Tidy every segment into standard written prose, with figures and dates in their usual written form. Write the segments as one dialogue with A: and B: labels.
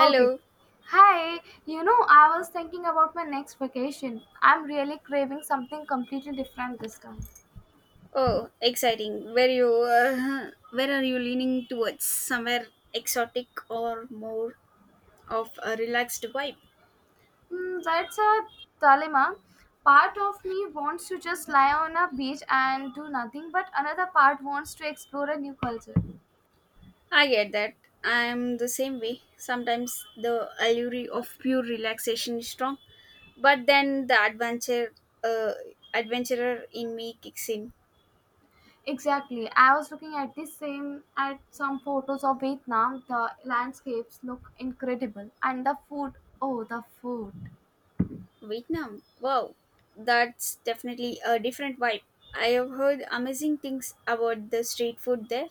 A: Okay. Hi, I was thinking about my next vacation. I'm really craving something completely different this time.
B: Oh, exciting. Where you where are you leaning towards? Somewhere exotic or more of a relaxed vibe?
A: Mm, that's a dilemma. Part of me wants to just lie on a beach and do nothing, but another part wants to explore a new culture.
B: I get that. I'm the same way. Sometimes the allure of pure relaxation is strong, but then the adventure uh, adventurer in me kicks in.
A: Exactly. I was looking at this same at some photos of Vietnam. The landscapes look incredible, and the food. Oh, the food.
B: Vietnam. Wow. That's definitely a different vibe. I have heard amazing things about the street food there.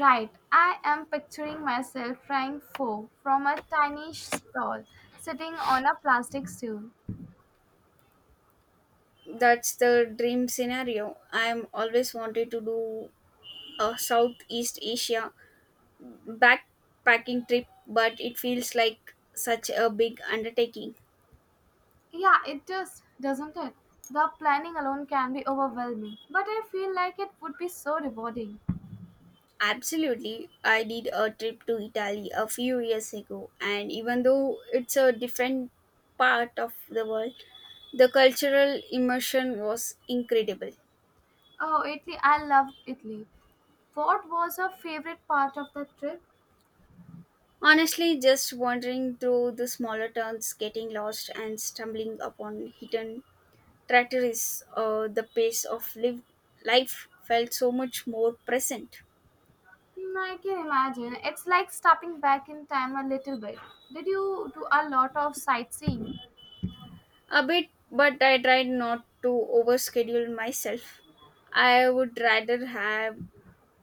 A: Right, I am picturing myself frying pho from a tiny stall sitting on a plastic stool.
B: That's the dream scenario. I'm always wanted to do a Southeast Asia backpacking trip, but it feels like such a big undertaking.
A: Yeah, it does, doesn't it? The planning alone can be overwhelming, but I feel like it would be so rewarding.
B: Absolutely. I did a trip to Italy a few years ago, and even though it's a different part of the world, the cultural immersion was incredible.
A: Oh, Italy, I love Italy. What was your favorite part of the trip?
B: Honestly, just wandering through the smaller towns, getting lost, and stumbling upon hidden the pace of live life felt so much more present.
A: Hmm, I can imagine. It's like stepping back in time a little bit. Did you do a lot of sightseeing?
B: A bit, but I tried not to overschedule myself. I would rather have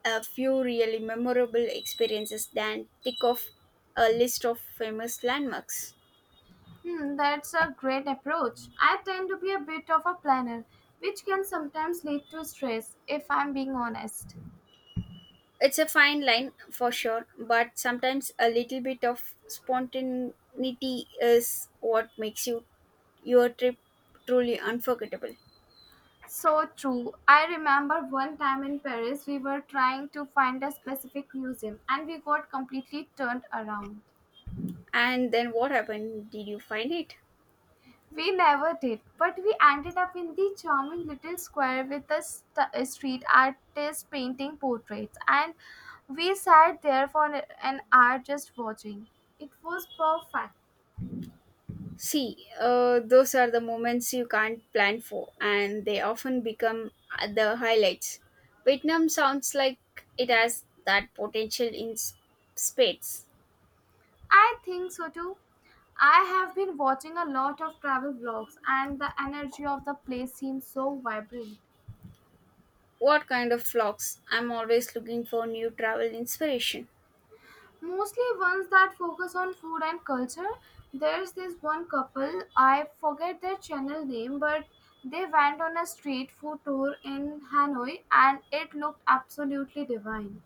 B: a few really memorable experiences than tick off a list of famous landmarks.
A: Hmm, that's a great approach. I tend to be a bit of a planner, which can sometimes lead to stress, if I'm being honest.
B: It's a fine line for sure, but sometimes a little bit of spontaneity is what makes your trip truly unforgettable.
A: So true. I remember one time in Paris, we were trying to find a specific museum and we got completely turned around.
B: And then what happened? Did you find it?
A: We never did, but we ended up in the charming little square with the a street artist painting portraits, and we sat there for an hour just watching. It was perfect.
B: Those are the moments you can't plan for, and they often become the highlights. Vietnam sounds like it has that potential in spades.
A: I think so too. I have been watching a lot of travel vlogs, and the energy of the place seems so vibrant.
B: What kind of vlogs? I'm always looking for new travel inspiration.
A: Mostly ones that focus on food and culture. There's this one couple, I forget their channel name, but they went on a street food tour in Hanoi and it looked absolutely divine.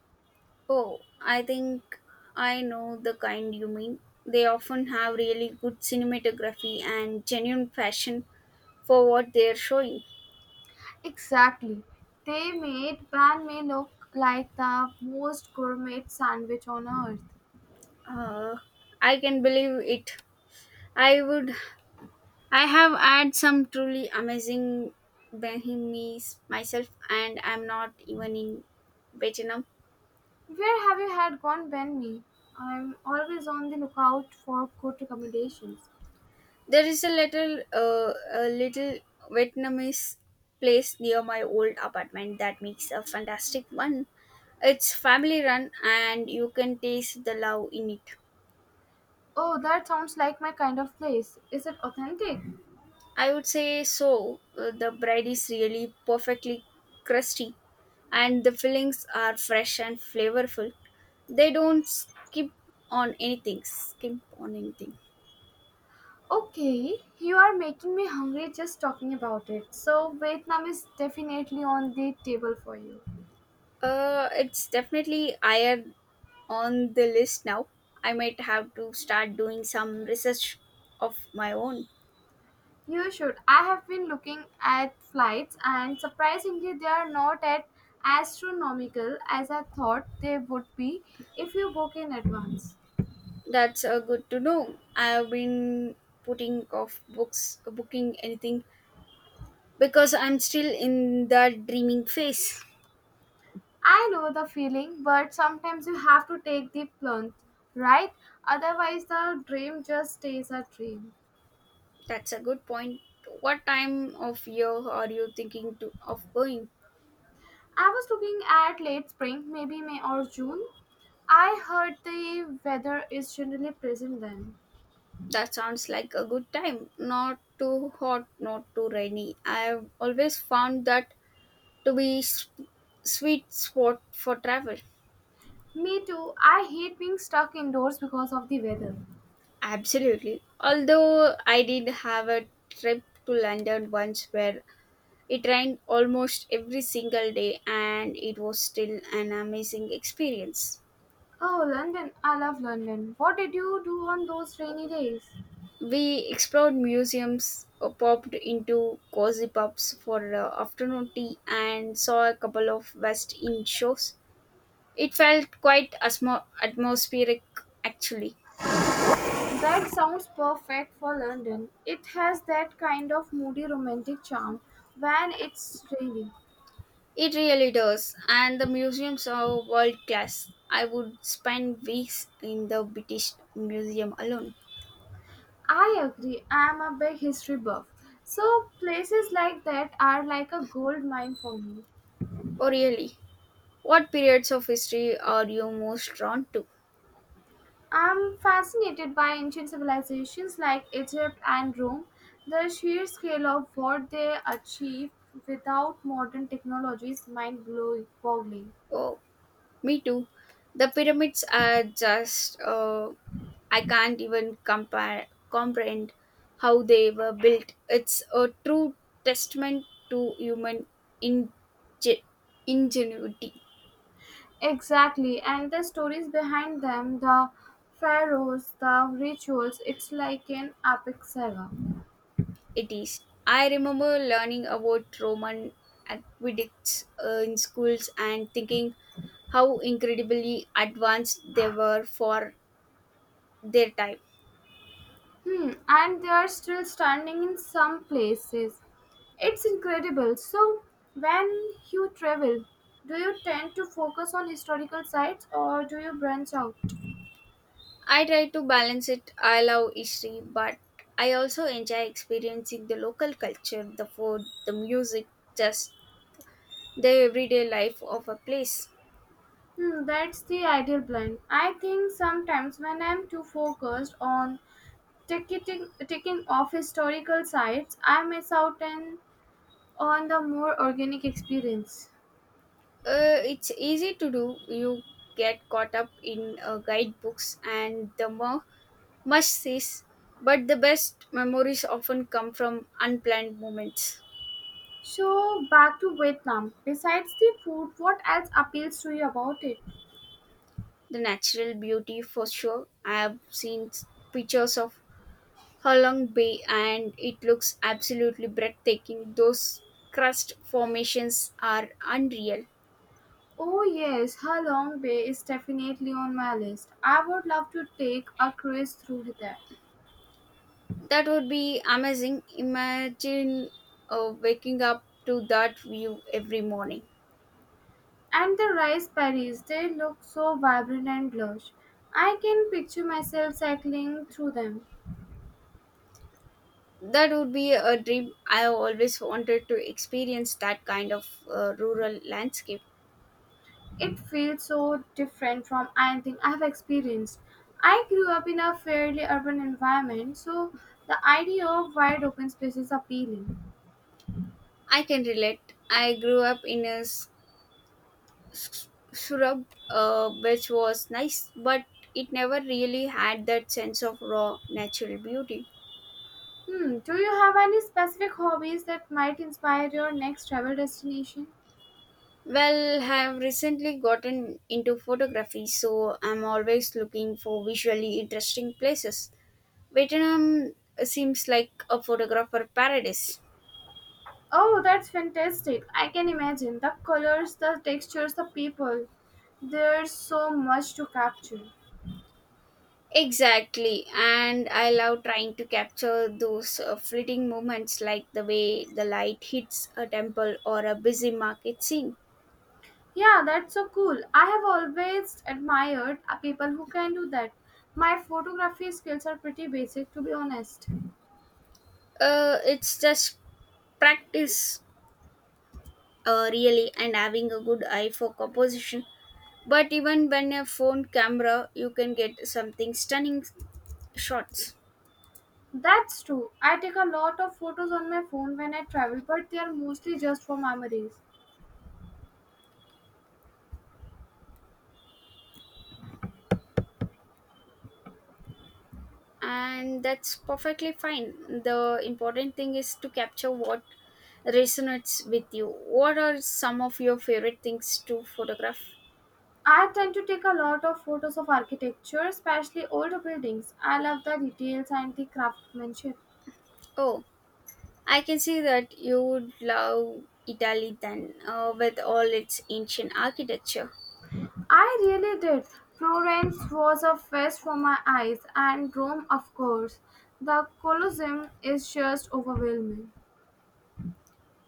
B: Oh, I think I know the kind you mean. They often have really good cinematography and genuine passion for what they're showing.
A: Exactly. They made banh mi look like the most gourmet sandwich on earth.
B: Uh, I can believe it. I would. I have had some truly amazing Bahimis myself, and I'm not even in Vietnam.
A: Where have you had gone, Ben me? I'm always on the lookout for good recommendations.
B: There is a little, Vietnamese place near my old apartment that makes a fantastic one. It's family run, and you can taste the love in it.
A: Oh, that sounds like my kind of place. Is it authentic?
B: I would say so. The bread is really perfectly crusty, and the fillings are fresh and flavorful. They don't skip on anything. Skimp on anything.
A: Okay, you are making me hungry just talking about it. So, Vietnam is definitely on the table for you.
B: It's definitely higher on the list now. I might have to start doing some research of my own.
A: You should. I have been looking at flights, and surprisingly, they are not at astronomical as I thought they would be if you book in advance.
B: That's good to know. I've been putting off booking anything because I'm still in the dreaming phase.
A: I know the feeling, but sometimes you have to take the plunge, right? Otherwise, the dream just stays a dream.
B: That's a good point. What time of year are you thinking of going?
A: I was looking at late spring, maybe May or June. I heard the weather is generally present then.
B: That sounds like a good time. Not too hot, not too rainy. I've always found that to be sweet spot for travel.
A: Me too. I hate being stuck indoors because of the weather.
B: Absolutely. Although I did have a trip to London once where it rained almost every single day and it was still an amazing experience.
A: Oh, London. I love London. What did you do on those rainy days?
B: We explored museums, popped into cozy pubs for afternoon tea, and saw a couple of West End shows. It felt quite atmospheric, actually.
A: That sounds perfect for London. It has that kind of moody romantic charm when it's rainy.
B: It really does, and the museums are world class. I would spend weeks in the British Museum alone.
A: I agree. I am a big history buff. So places like that are like a gold mine for me.
B: Oh, really? What periods of history are you most drawn to?
A: I'm fascinated by ancient civilizations like Egypt and Rome, the sheer scale of what they achieved without modern technology is mind-boggling.
B: Oh, me too. The pyramids are just, I can't even comprehend how they were built. It's a true testament to human in, ingenuity.
A: Exactly, and the stories behind them, the pharaohs, the rituals, it's like an epic saga.
B: It is. I remember learning about Roman aqueducts in schools and thinking how incredibly advanced they were for their time.
A: Hmm, and they are still standing in some places. It's incredible. So, when you travel, do you tend to focus on historical sites or do you branch out?
B: I try to balance it. I love history, but I also enjoy experiencing the local culture, the food, the music, just the everyday life of a place.
A: Hmm, that's the ideal blend. I think sometimes when I'm too focused on ticking off historical sites, I miss out on the more organic experience.
B: It's easy to do. You get caught up in guidebooks and the more must sees, but the best memories often come from unplanned moments.
A: So, back to Vietnam. Besides the food, what else appeals to you about it?
B: The natural beauty, for sure. I have seen pictures of Halong Bay, and it looks absolutely breathtaking. Those crust formations are unreal.
A: Oh, yes, Halong Bay is definitely on my list. I would love to take a cruise through there.
B: That would be amazing. Imagine waking up to that view every morning.
A: And the rice paddies, they look so vibrant and lush. I can picture myself cycling through them.
B: That would be a dream. I always wanted to experience that kind of rural landscape.
A: It feels so different from anything I have experienced. I grew up in a fairly urban environment, so the idea of wide open space is appealing.
B: I can relate. I grew up in a suburb, which was nice, but it never really had that sense of raw natural beauty.
A: Hmm, do you have any specific hobbies that might inspire your next travel destination?
B: Well, I've recently gotten into photography, so I'm always looking for visually interesting places. Vietnam seems like a photographer paradise.
A: Oh, that's fantastic. I can imagine the colors, the textures, the people. There's so much to capture.
B: Exactly, and I love trying to capture those fleeting moments like the way the light hits a temple or a busy market scene.
A: Yeah, that's so cool. I have always admired people who can do that. My photography skills are pretty basic, to be honest.
B: It's just practice, really, and having a good eye for composition. But even when a phone camera, you can get something stunning shots,
A: That's true. I take a lot of photos on my phone when I travel, but they are mostly just for memories.
B: and that's perfectly fine. The important thing is to capture what resonates with you. What are some of your favorite things to photograph?
A: I tend to take a lot of photos of architecture, especially older buildings. I love the details and the craftsmanship.
B: Oh, I can see that you would love Italy then, with all its ancient architecture.
A: I really did. Florence was a feast for my eyes, and Rome, of course. The Colosseum is just overwhelming.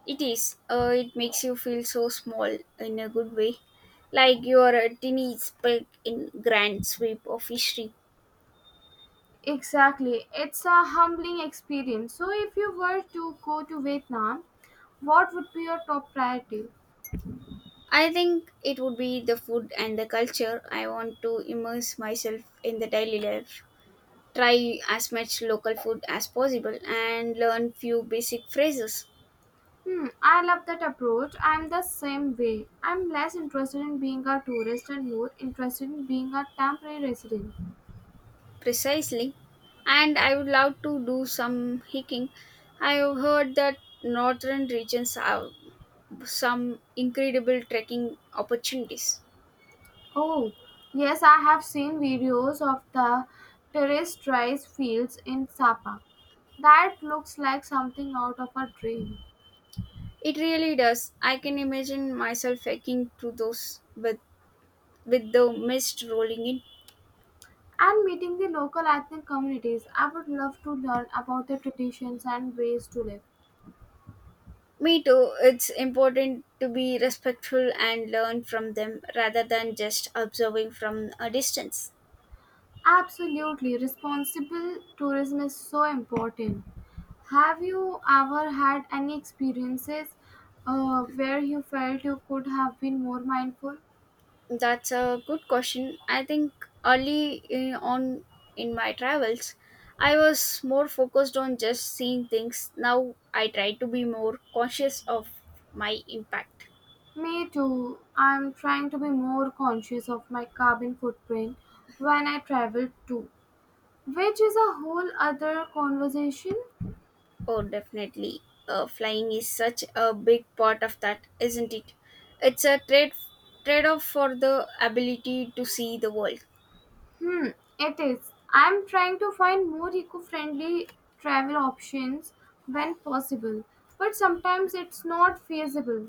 B: It is. It makes you feel so small in a good way, like you are a tiny speck in grand sweep of history.
A: Exactly. It's a humbling experience. So, if you were to go to Vietnam, what would be your top priority?
B: I think it would be the food and the culture. I want to immerse myself in the daily life, try as much local food as possible, and learn few basic phrases
A: Hmm, I love that approach. I'm the same way. I'm less interested in being a tourist and more interested in being a temporary resident.
B: precisely. And I would love to do some hiking. I have heard that northern regions have some incredible trekking opportunities.
A: Oh, yes, I have seen videos of the terraced rice fields in Sapa. That looks like something out of a dream.
B: It really does. I can imagine myself hiking through those with the mist rolling in.
A: And meeting the local ethnic communities, I would love to learn about their traditions and ways to live.
B: Me too. It's important to be respectful and learn from them rather than just observing from a distance.
A: Absolutely, responsible tourism is so important. Have you ever had any experiences where you felt you could have been more mindful?
B: That's a good question. I think early in, on in my travels, I was more focused on just seeing things. Now I try to be more conscious of my impact.
A: Me too. I'm trying to be more conscious of my carbon footprint when I travel too, which is a whole other conversation.
B: Oh, definitely. Flying is such a big part of that, isn't it? It's a trade off for the ability to see the world.
A: Hmm, it is. I'm trying to find more eco friendly travel options when possible, but sometimes it's not feasible.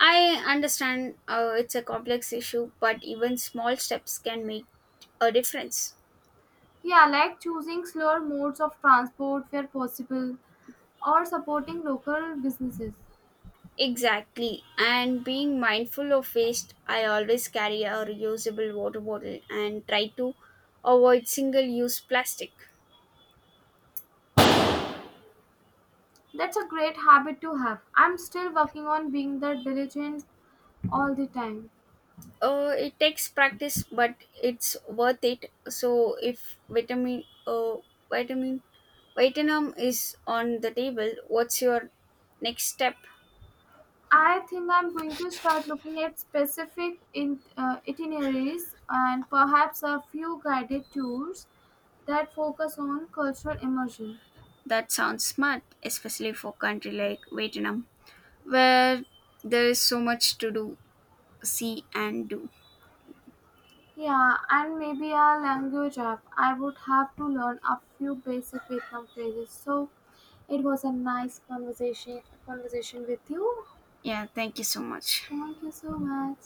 B: I understand it's a complex issue, but even small steps can make a difference.
A: Yeah, like choosing slower modes of transport where possible or supporting local businesses.
B: Exactly. And being mindful of waste, I always carry a reusable water bottle and try to avoid single use plastic.
A: That's a great habit to have. I'm still working on being the diligent all the time.
B: It takes practice, but it's worth it. So if vitamin, vitamin is on the table, what's your next step?
A: I think I'm going to start looking at itineraries and perhaps a few guided tours that focus on cultural immersion.
B: That sounds smart, especially for country like Vietnam, where there is so much to see, and do.
A: Yeah, and maybe a language app. I would have to learn a few basic Vietnam phrases. So it was a nice conversation with you.
B: Yeah, thank you so much.
A: Thank you so much.